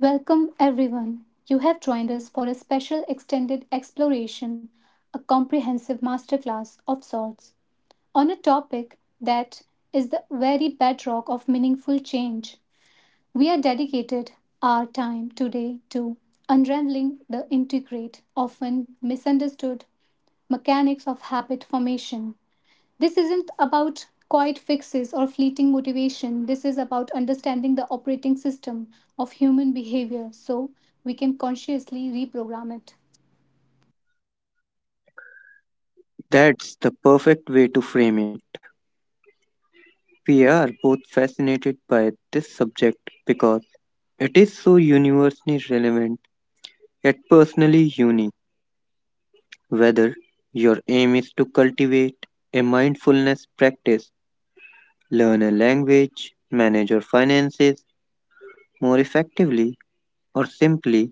Welcome, everyone. You have joined us for a special extended exploration, a comprehensive masterclass of sorts, on a topic that is the very bedrock of meaningful change. We are dedicated our time today to unraveling the intricate, often misunderstood mechanics of habit formation. This isn't about quiet fixes or fleeting motivation. This is about understanding the operating system of human behavior so we can consciously reprogram it. That's the perfect way to frame it. We are both fascinated by this subject because it is so universally relevant yet personally unique. Whether your aim is to cultivate a mindfulness practice, learn a language, manage your finances more effectively, or simply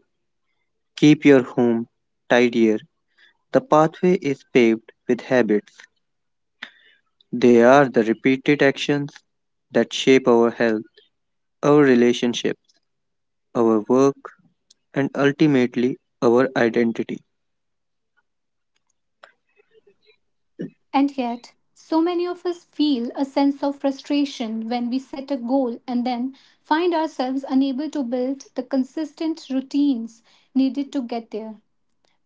keep your home tidier, the pathway is paved with habits. They are the repeated actions that shape our health, our relationships, our work, and ultimately our identity. And yet, so many of us feel a sense of frustration when we set a goal and then find ourselves unable to build the consistent routines needed to get there.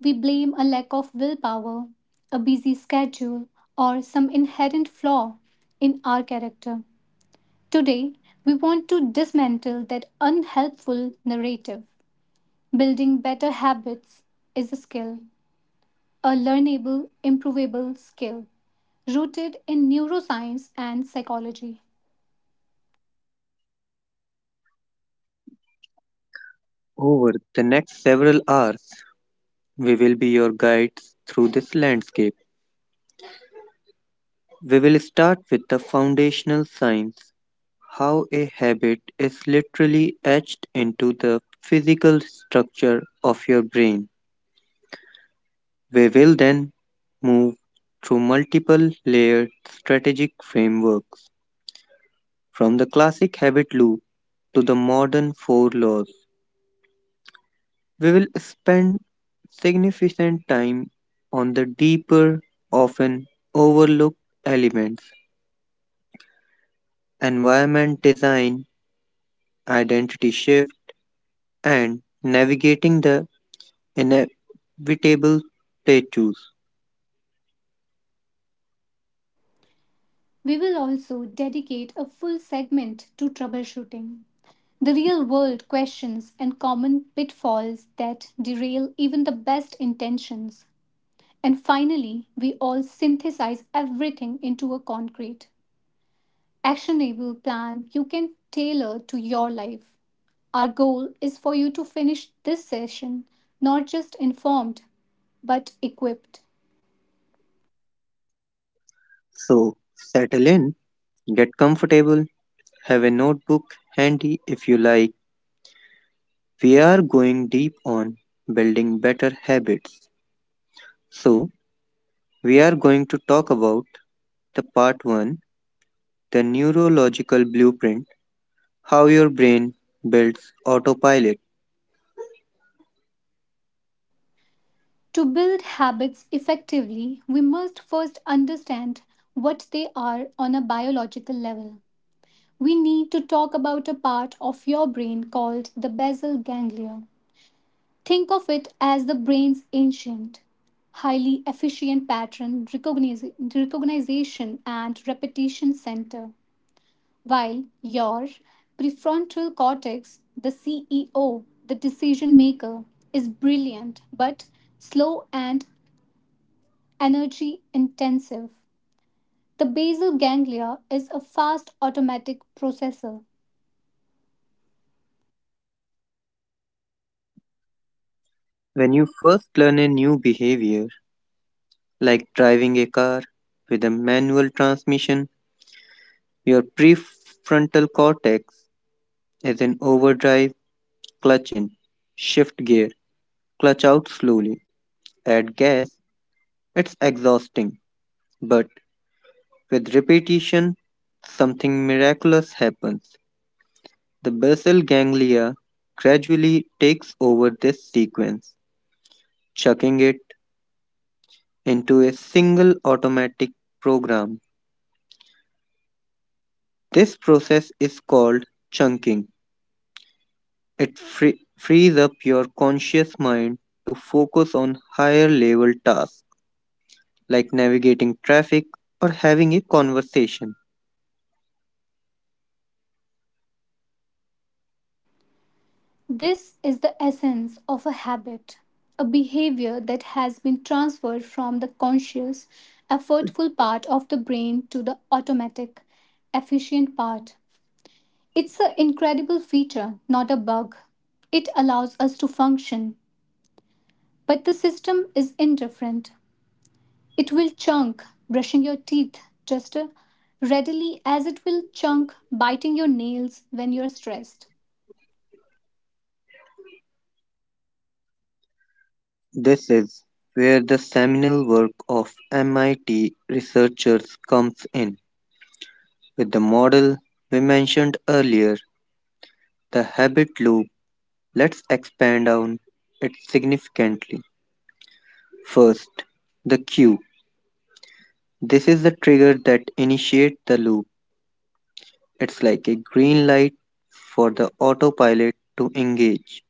We blame a lack of willpower, a busy schedule, or some inherent flaw in our character. Today, we want to dismantle that unhelpful narrative. Building better habits is a skill, a learnable, improvable skill rooted in neuroscience and psychology. Over the next several hours, we will be your guides through this landscape. We will start with the foundational science: how a habit is literally etched into the physical structure of your brain. We will then move through multiple layered strategic frameworks, from the classic habit loop to the modern four laws. We will spend significant time on the deeper, often overlooked elements: environment design, identity shift, and navigating the inevitable plateaus. We will also dedicate a full segment to troubleshooting, the real world questions and common pitfalls that derail even the best intentions. And finally, we all synthesize everything into a concrete, actionable plan you can tailor to your life. Our goal is for you to finish this session not just informed but equipped. So, settle in, get comfortable, have a notebook handy if you like. We are going deep on building better habits. So, we are going to talk about the part 1: the neurological blueprint. How your brain builds autopilot. To build habits effectively, we must first understand what they are on a biological level. We need to talk about a part of your brain called the basal ganglia. Think of it as the brain's ancient, highly efficient pattern recognition and repetition center. While your prefrontal cortex, the CEO, the decision maker, is brilliant but slow and energy intensive. The basal ganglia is a fast automatic processor. When you first learn a new behavior, like driving a car with a manual transmission, your prefrontal cortex is in overdrive: clutch in, shift gear, clutch out slowly, add gas. It's exhausting, but with repetition, something miraculous happens. The basal ganglia gradually takes over this sequence, chucking it into a single automatic program. This process is called chunking. It frees up your conscious mind to focus on higher level tasks like navigating traffic or having a conversation. This is the essence of a habit, a behavior that has been transferred from the conscious, effortful part of the brain to the automatic, efficient part. It's an incredible feature, not a bug. It allows us to function, but the system is indifferent. It will chunk brushing your teeth just readily as it will chunk biting your nails when you're stressed. This is where the seminal work of MIT researchers comes in. With the model we mentioned earlier, the habit loop, let's expand on it significantly. First, the cue. This is the trigger that initiates the loop. It's like a green light for the autopilot to engage.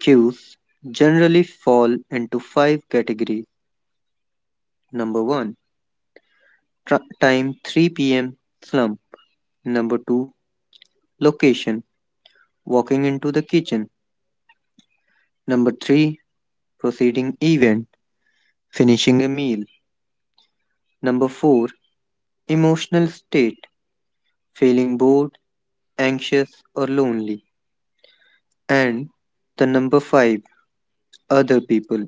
Cues generally fall into five categories. Number one, time: 3 p.m. slump. Number two, location: walking into the kitchen. Number three, proceeding event: finishing a meal. Number four, emotional state: feeling bored, anxious, or lonely. And the number five, other people: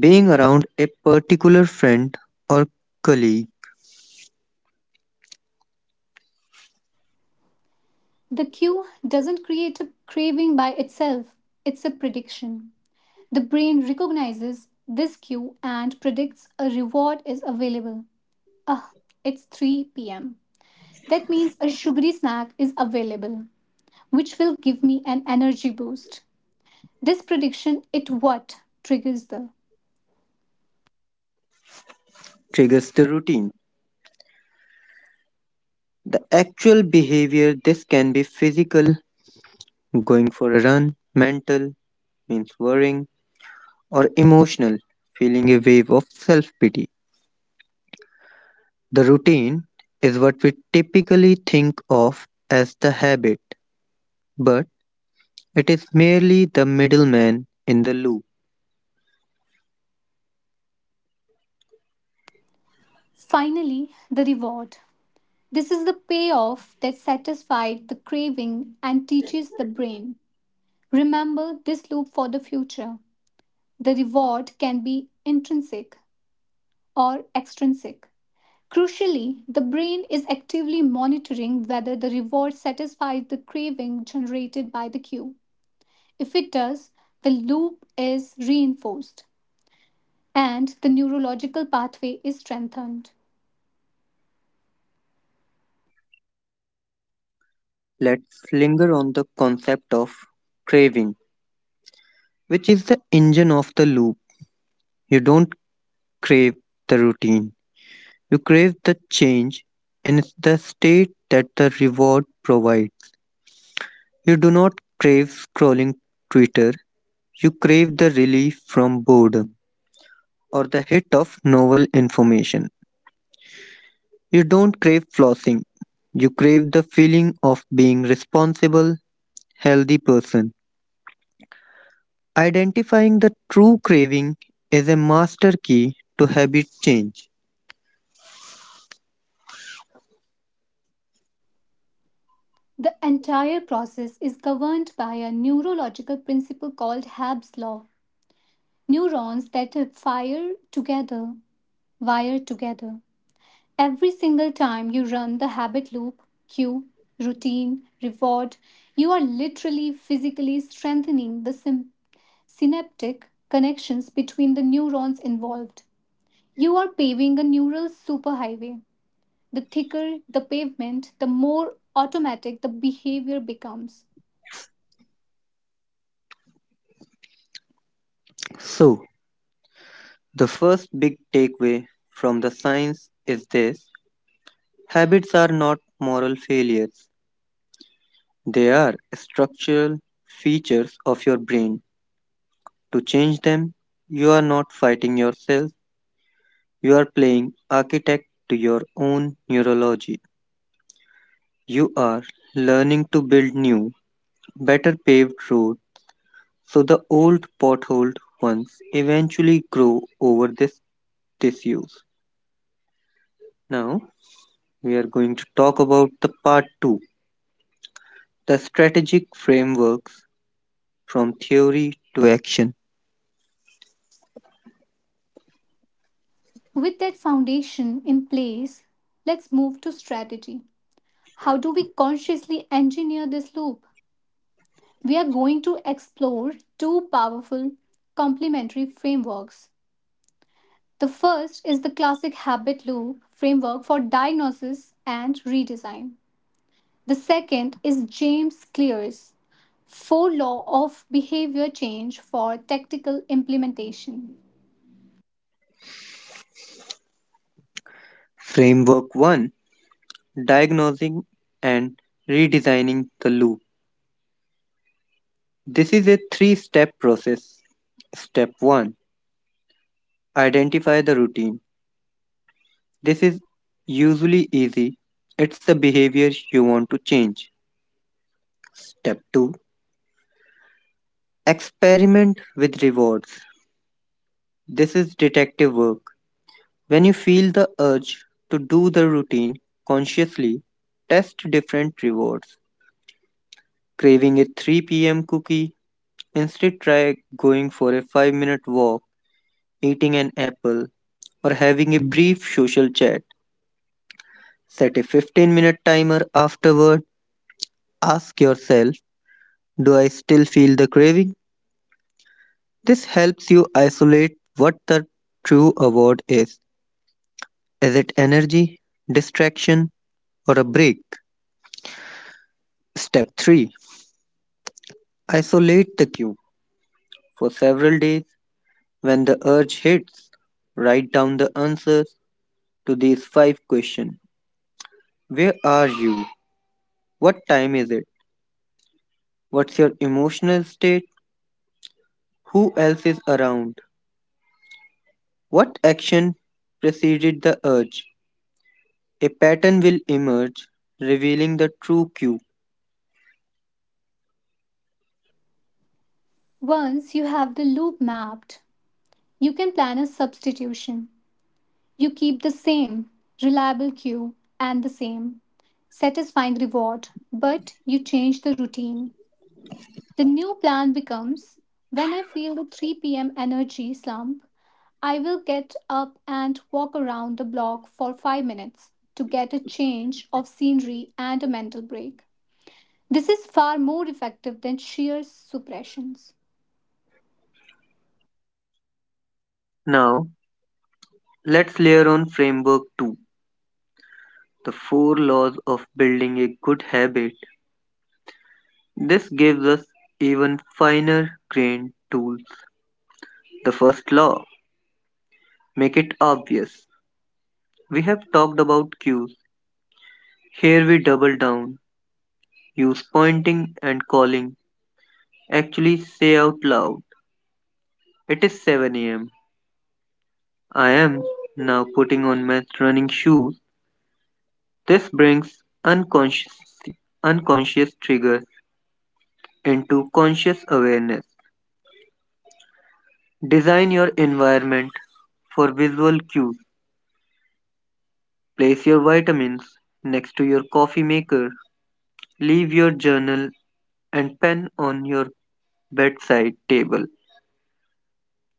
being around a particular friend or colleague The cue doesn't create a craving by itself, it's a prediction. The brain recognizes this cue and predicts a reward is available. Ah, it's 3 pm. That means a sugary snack is available, which will give me an energy boost. This prediction it what triggers the. triggers the routine. The actual behavior, this can be physical, going for a run; mental, means worrying; or emotional, feeling a wave of self pity. The routine is what we typically think of as the habit, but it is merely the middleman in the loop. Finally, the reward. This is the payoff that satisfied the craving and teaches the brain. Remember this loop for the future. The reward can be intrinsic or extrinsic. Crucially, the brain is actively monitoring whether the reward satisfies the craving generated by the cue. If it does, the loop is reinforced and the neurological pathway is strengthened. Let's linger on the concept of craving, which is the engine of the loop. You don't crave the routine. You crave the change in the state that the reward provides. You do not crave scrolling Twitter. You crave the relief from boredom or the hit of novel information. You don't crave flossing. You crave the feeling of being responsible, healthy person. Identifying the true craving is a master key to habit change. The entire process is governed by a neurological principle called Habs' law. Neurons that fire together wire together. Every single time you run the habit loop, cue, routine, reward, you are literally physically strengthening the synaptic connections between the neurons involved. You are paving a neural superhighway. The thicker the pavement, the more automatic the behavior becomes. So, the first big takeaway from the science is this: habits are not moral failures, they are structural features of your brain. To change them, you are not fighting yourself, you are playing architect to your own neurology. You are learning to build new, better paved road so the old potholed ones eventually grow over this disuse. Now, we are going to talk about the part 2, the strategic frameworks from theory to action. With that foundation in place, let's move to strategy. How do we consciously engineer this loop? We are going to explore two powerful complementary frameworks. The first is the classic habit loop framework for diagnosis and redesign. The second is James Clear's Four Law of Behavior Change for Tactical Implementation. Framework 1: diagnosing and redesigning the loop. This is a three step process. Step 1: identify the routine. This is usually easy, it's the behavior you want to change. Step 2: experiment with rewards. This is detective work. When you feel the urge to do the routine consciously, test different rewards. Craving a 3 p.m. cookie? Instead, try going for a 5 minute walk, eating an apple, or having a brief social chat. Set a 15-minute timer afterward. Ask yourself, do I still feel the craving? This helps you isolate what the true award is. Is it energy, distraction, or a break? Step 3: isolate the cue. For several days, when the urge hits, write down the answers to these five questions. Where are you? What time is it? What's your emotional state? Who else is around? What action preceded the urge? A pattern will emerge, revealing the true cue. Once you have the loop mapped, you can plan a substitution. You keep the same reliable cue and the same satisfying reward, but you change the routine. The new plan becomes when I feel the 3 p.m. energy slump, I will get up and walk around the block for 5 minutes to get a change of scenery and a mental break. This is far more effective than sheer suppressions. Now, let's layer on framework 2, the four laws of building a good habit. This gives us even finer grained tools. The first law: make it obvious. We have talked about cues. Here we double down. Use pointing and calling, actually say out loud. It is 7 am. I am now putting on my running shoes. This brings unconscious, unconscious triggers into conscious awareness. Design your environment for visual cues. Place your vitamins next to your coffee maker. Leave your journal and pen on your bedside table.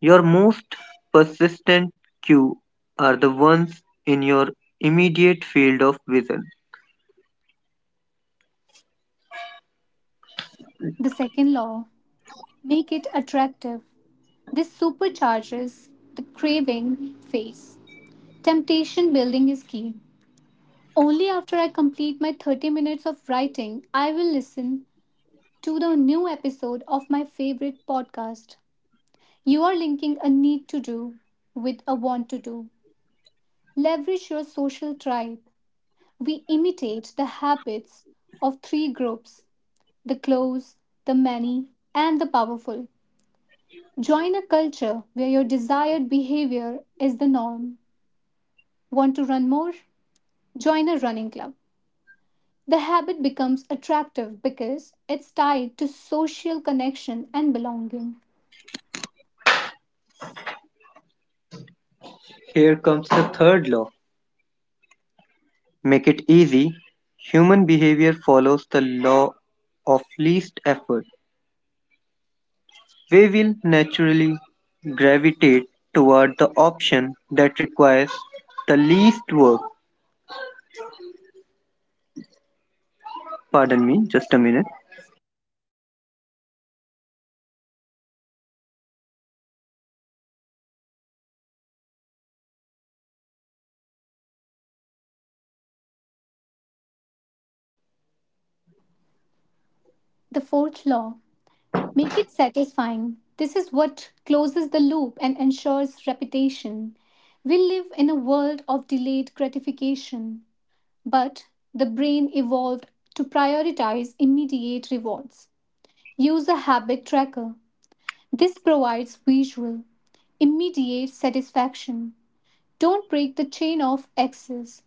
Your most persistent cues are the ones in your immediate field of vision. The second law, make it attractive. This supercharges the craving phase. Temptation building is key. Only after I complete my 30 minutes of writing, I will listen to the new episode of my favorite podcast. You are linking a need to do with a want to do. Leverage your social tribe. We imitate the habits of three groups, the close, the many, and the powerful. Join a culture where your desired behavior is the norm. Want to run more? Join a running club. The habit becomes attractive because it's tied to social connection and belonging. Here comes the third law: make it easy. Human behavior follows the law of least effort. We will naturally gravitate toward the option that requires the least work. Pardon me, just a minute. The fourth law, make it satisfying. This is what closes the loop and ensures repetition. We live in a world of delayed gratification, but the brain evolved to prioritize immediate rewards. Use a habit tracker. This provides visual, immediate satisfaction. Don't break the chain of access.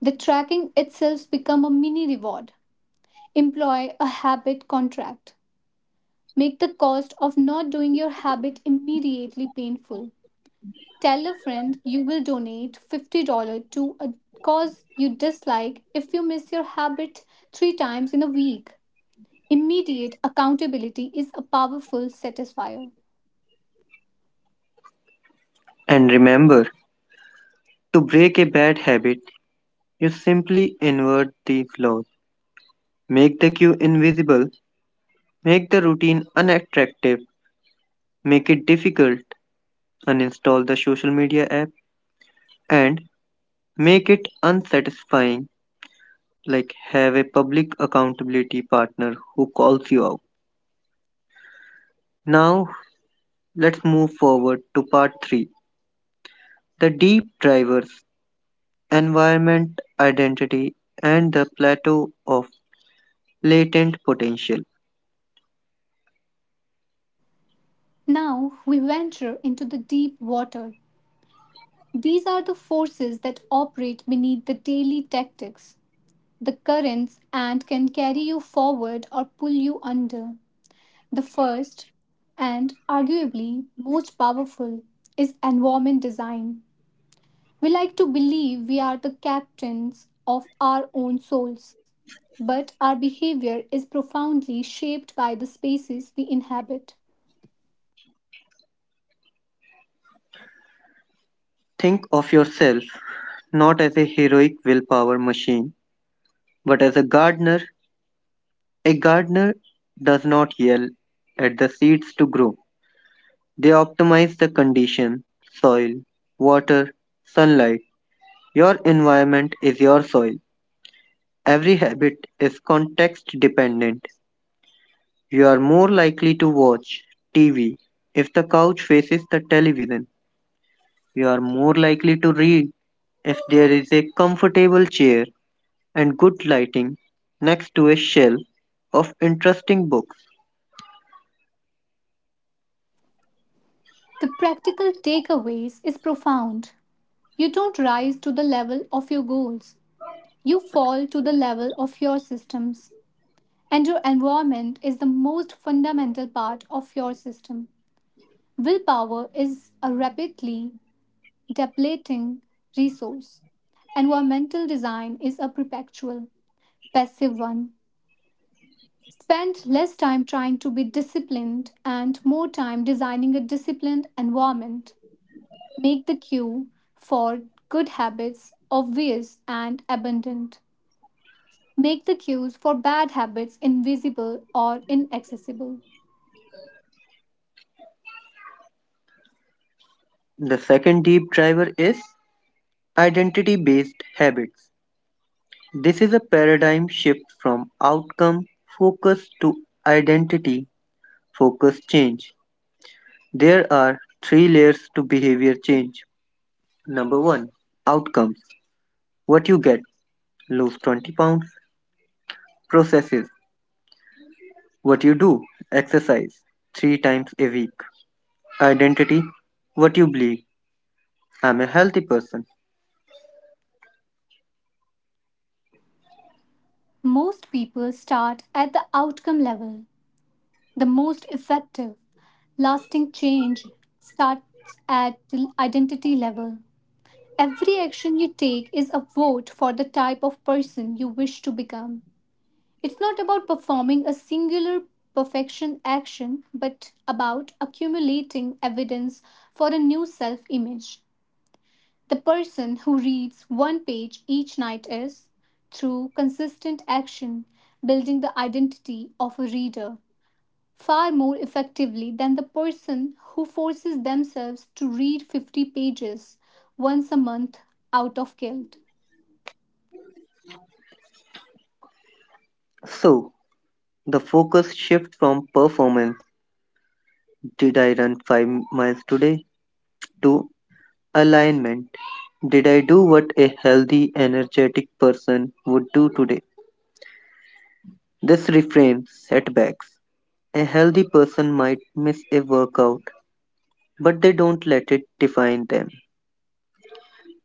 The tracking itself become a mini reward. Employ a habit contract. Make the cost of not doing your habit immediately painful. Tell a friend you will donate $50 to a cause you dislike if you miss your habit 3 times in a week. Immediate accountability is a powerful satisfier. And remember, to break a bad habit, you simply invert these laws. Make the queue invisible, make the routine unattractive, make it difficult, uninstall the social media app, and make it unsatisfying, like have a public accountability partner who calls you out. Now, let's move forward to part 3: the deep drivers, environment, identity, and the plateau of latent potential. Now we venture into the deep water. These are the forces that operate beneath the daily tactics, the currents, and can carry you forward or pull you under. The first, and arguably most powerful, is environment design. We like to believe we are the captains of our own souls, but our behavior is profoundly shaped by the spaces we inhabit. Think of yourself not as a heroic willpower machine, but as a gardener. A gardener does not yell at the seeds to grow, they optimize the condition: soil, water, sunlight. Your environment is your soil. Every habit is context dependent. You are more likely to watch TV if the couch faces the television. You are more likely to read if there is a comfortable chair and good lighting next to a shelf of interesting books. The practical takeaways is profound. You don't rise to the level of your goals. You fall to the level of your systems, and your environment is the most fundamental part of your system. Willpower is a rapidly depleting resource. Environmental design is a perpetual, passive one. Spend less time trying to be disciplined and more time designing a disciplined environment. Make the cue for good habits obvious and abundant. Make the cues for bad habits invisible or inaccessible. The second deep driver is identity based habits. This is a paradigm shift from outcome focus to identity focus change. There are three layers to behavior change. Number one, outcomes: what you get, lose 20 pounds. Processes: what you do, exercise three times a week. Identity: what you believe, I'm a healthy person. Most people start at the outcome level. The most effective, lasting change starts at the identity level. Every action you take is a vote for the type of person you wish to become. It's not about performing a singular perfection action, but about accumulating evidence for a new self image. The person who reads one page each night is, through consistent action, building the identity of a reader far more effectively than the person who forces themselves to read 50 pages once a month out of guilt. So, the focus shifts from performance, did I run 5 miles today, to alignment, did I do what a healthy, energetic person would do today? This reframes setbacks. A healthy person might miss a workout, but they don't let it define them.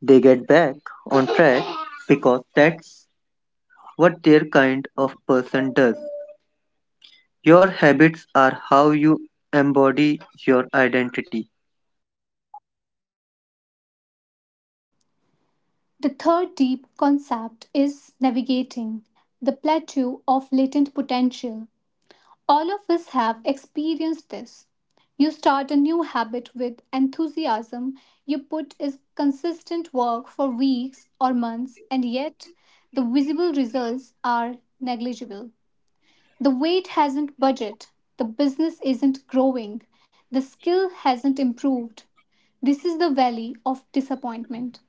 They get back on track because that's what their kind of person does. Your habits are how you embody your identity. The third deep concept is navigating the plateau of latent potential. All of us have experienced this. You start a new habit with enthusiasm, you put in consistent work for weeks or months, and yet the visible results are negligible. The weight hasn't budged, the business isn't growing, the skill hasn't improved. This is the valley of disappointment.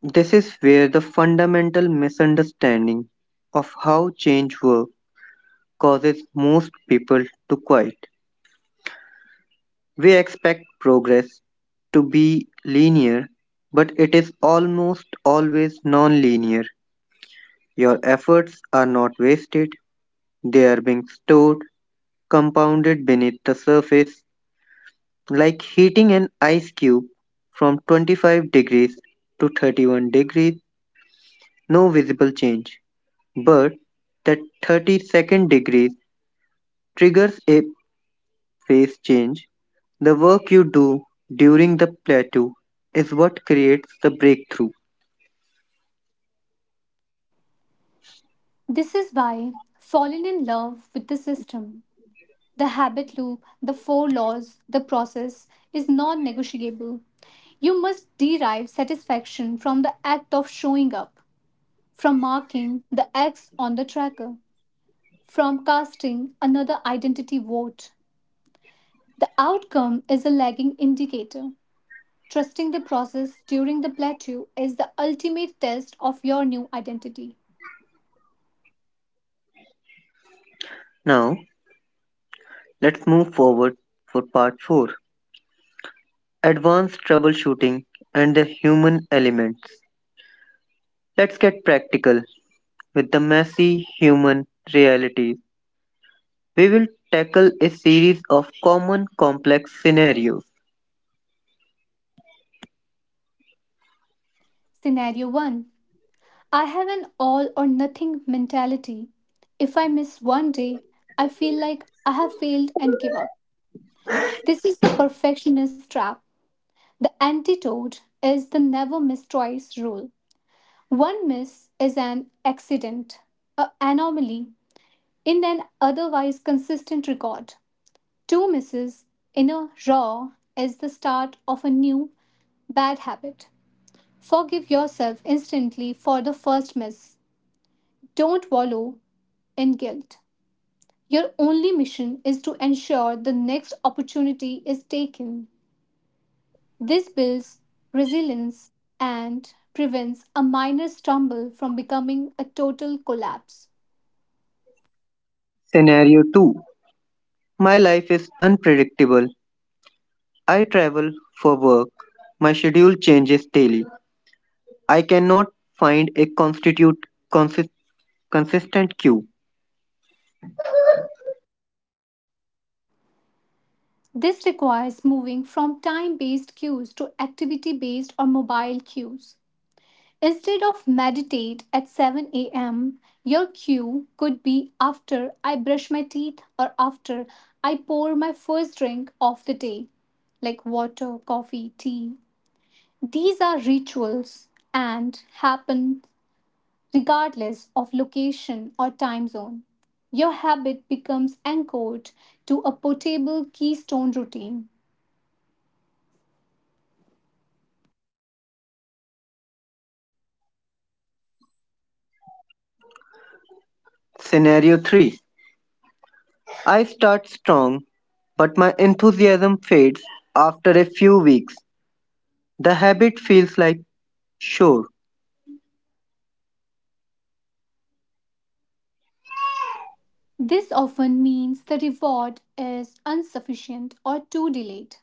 This is where the fundamental misunderstanding of how change works causes most people to quit. We expect progress to be linear, but it is almost always non linear. Your efforts are not wasted, they are being stored, compounded beneath the surface, like heating an ice cube from 25 degrees to 31 degrees: no visible change. But that 32nd degree triggers a phase change. The work you do during the plateau is what creates the breakthrough. This is why falling in love with the system, the habit loop, the four laws, the process is non negotiable. You must derive satisfaction from the act of showing up, from marking the X on the tracker, from casting another identity vote. The outcome is a lagging indicator. Trusting the process during the plateau is the ultimate test of your new identity. Now, let's move forward for part 4: advanced troubleshooting and the human elements. Let's get practical with the messy human realities. We will tackle a series of common complex scenarios. Scenario 1, I have an all or nothing mentality. If I miss one day, I feel like I have failed and give up. This is the perfectionist trap. The antidote is the never miss twice rule. One miss is an accident, an anomaly in an otherwise consistent record. Two misses in a row is the start of a new bad habit. Forgive yourself instantly for the first miss. Don't wallow in guilt. Your only mission is to ensure the next opportunity is taken. This builds resilience and prevents a minor stumble from becoming a total collapse. Scenario 2: my life is unpredictable. I travel for work. My schedule changes daily. I cannot find a consistent cue. This requires moving from time based cues to activity based or mobile cues. Instead of meditate at 7 a.m., your cue could be after I brush my teeth or after I pour my first drink of the day, like water, coffee, tea. These are rituals and happen regardless of location or time zone. Your habit becomes anchored to a portable keystone routine. Scenario 3: I start strong, but my enthusiasm fades after a few weeks. The habit feels like sure. This often means the reward is insufficient or too delayed.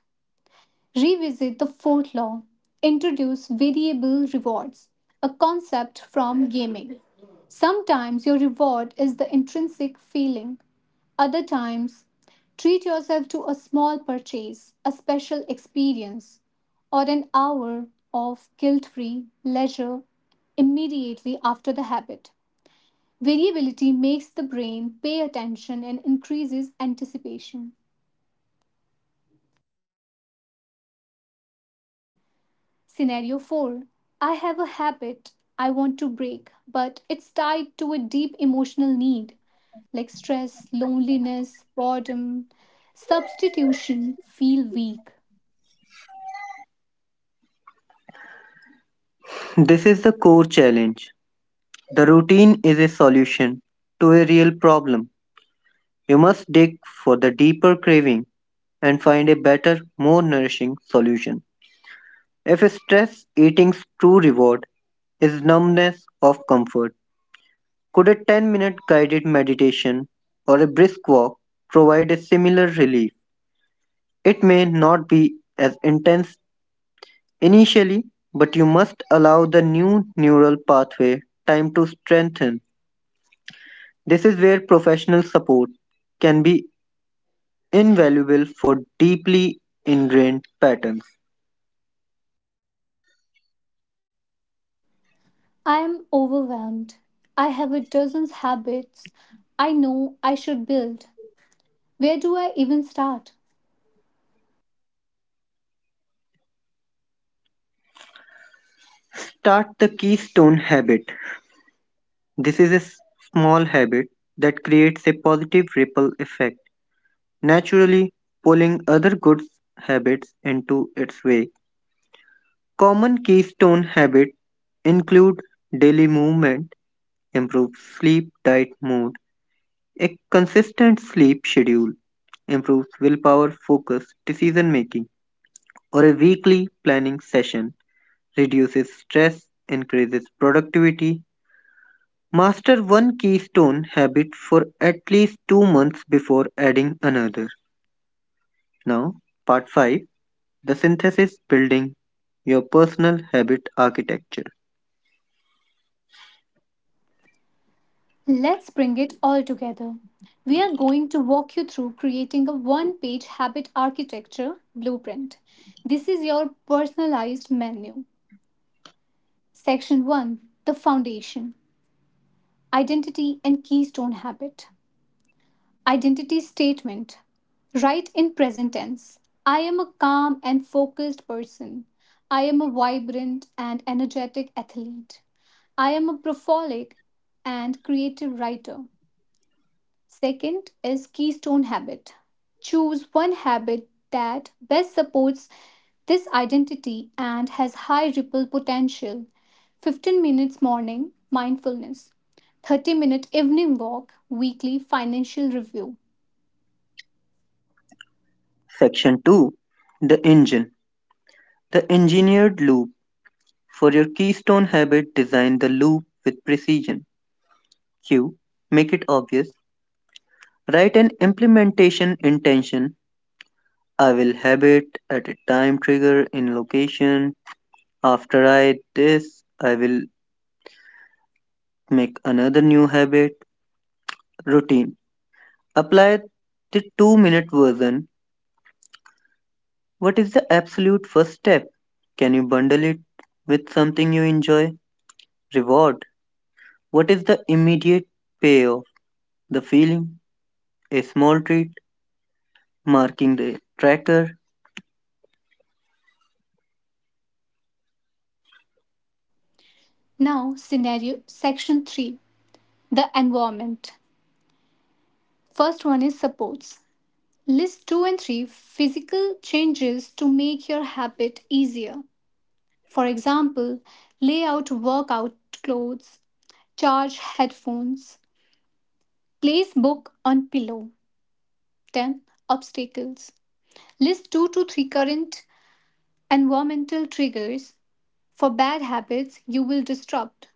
Revisit the fourth law. Introduce variable rewards, a concept from gaming. Sometimes your reward is the intrinsic feeling. Other times, treat yourself to a small purchase, a special experience, or an hour of guilt free leisure immediately after the habit. Variability makes the brain pay attention and increases anticipation. Scenario 4, I have a habit I want to break, but it's tied to a deep emotional need like stress, loneliness, boredom. Substitution, feel weak. This is the core challenge. The routine is a solution to a real problem. You must dig for the deeper craving and find a better, more nourishing solution. If stress eating's true reward is numbness of comfort, could a 10-minute guided meditation or a brisk walk provide a similar relief? It may not be as intense initially, but you must allow the new neural pathway time to strengthen. This is where professional support can be invaluable for deeply ingrained patterns. I am overwhelmed. I have a dozen habits I know I should build. Where do I even start? Start the keystone habit. This is a small habit that creates a positive ripple effect, naturally pulling other good habits into its wake. Common keystone habits include daily movement, improves sleep, diet, mood; a consistent sleep schedule, improves willpower, focus, decision making; or a weekly planning session, reduces stress, increases productivity. Master one keystone habit for at least 2 months before adding another. Now, part 5: the synthesis, building your personal habit architecture. Let's bring it all together. We are going to walk you through creating a one page habit architecture blueprint. This is your personalized menu. Section 1, the foundation, identity and keystone habit. Identity statement. Write in present tense. I am a calm and focused person. I am a vibrant and energetic athlete. I am a prolific and creative writer. Second is keystone habit. Choose one habit that best supports this identity and has high ripple potential. 15 minutes morning mindfulness, 30-minute evening walk, weekly financial review. Section 2: the engine, the engineered loop. For your keystone habit, design the loop with precision. Q. Make it obvious. Write an implementation intention: I will have it at a time trigger in location. After I this, I will make another new habit routine. Apply the 2-minute version. What is the absolute first step? Can you bundle it with something you enjoy? Reward. What is the immediate payoff? The feeling, a small treat, marking the tracker. Now, scenario section 3, the environment. First one is supports. List 2 and 3 physical changes to make your habit easier. For example, lay out workout clothes, charge headphones, place book on pillow. 10 obstacles. List 2 to 3 current environmental triggers for bad habits you will disrupt.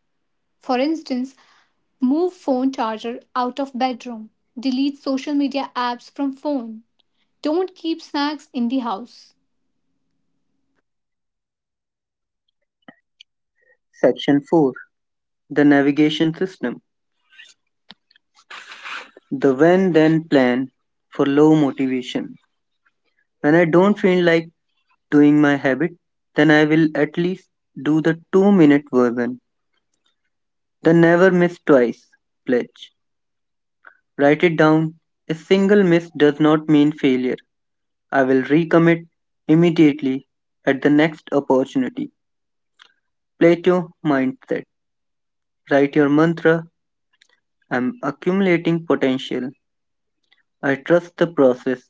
For instance, move phone charger out of bedroom. Delete social media apps from phone. Don't keep snacks in the house. Section 4: the navigation system. The when then plan for low motivation. When I don't feel like doing my habit, then I will at least do the 2 minute version. The never miss twice pledge. Write it down. A single miss does not mean failure. I will recommit immediately at the next opportunity. Plato mindset. Write your mantra. I'm accumulating potential. I trust the process.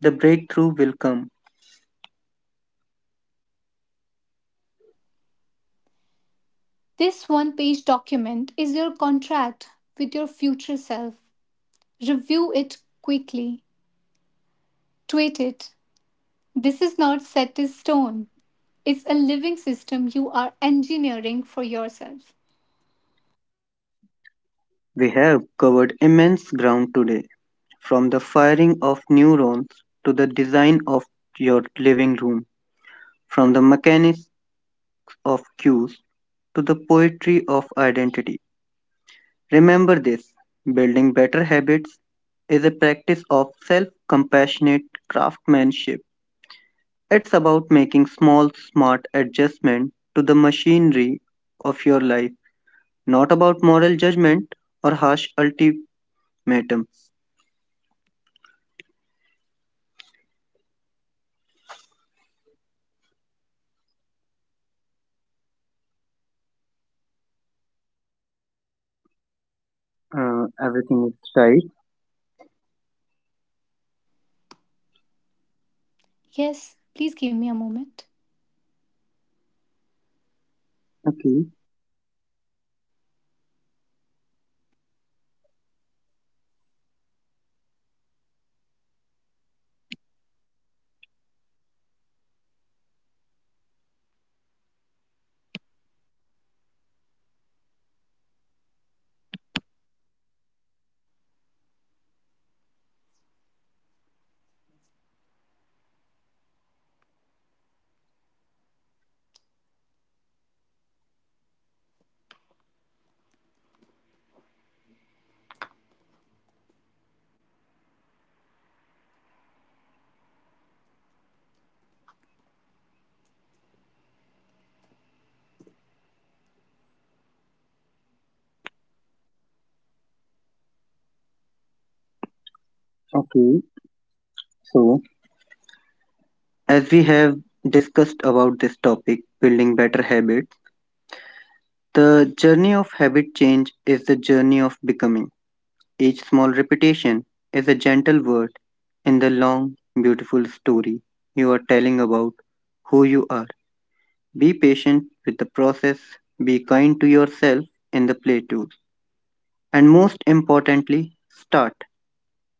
The breakthrough will come. This one page document is your contract with your future self. Review it quickly. Tweet it. This is not set in stone. It's a living system you are engineering for yourself. We have covered immense ground today: from the firing of neurons to the design of your living room, from the mechanics of cues to the poetry of identity. Remember this: building better habits is a practice of self compassionate craftsmanship. It's about making small, smart adjustments to the machinery of your life, not about moral judgment or harsh ultimatums. Everything is right. Yes, please give me a moment. Okay, okay. So, as we have discussed about this topic, building better habits, the journey of habit change is the journey of becoming. Each small repetition is a gentle word in the long, beautiful story you are telling about who you are. Be patient with the process, be kind to yourself in the play too. And most importantly, start.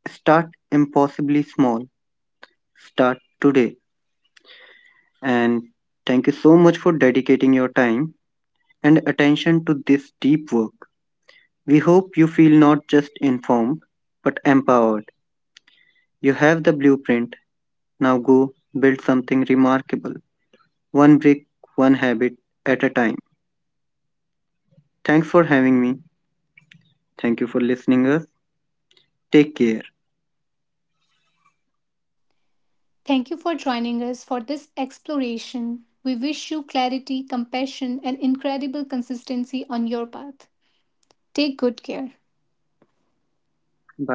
Start impossibly small. Start today. And thank you so much for dedicating your time and attention to this deep work. We hope you feel not just informed but empowered. You have the blueprint. Now go build something remarkable. One brick, one habit at a time. Thanks for having me. Thank you for listening us. Take care. Thank you for joining us for this exploration. We wish you clarity, compassion, and incredible consistency on your path. Take good care. Bye.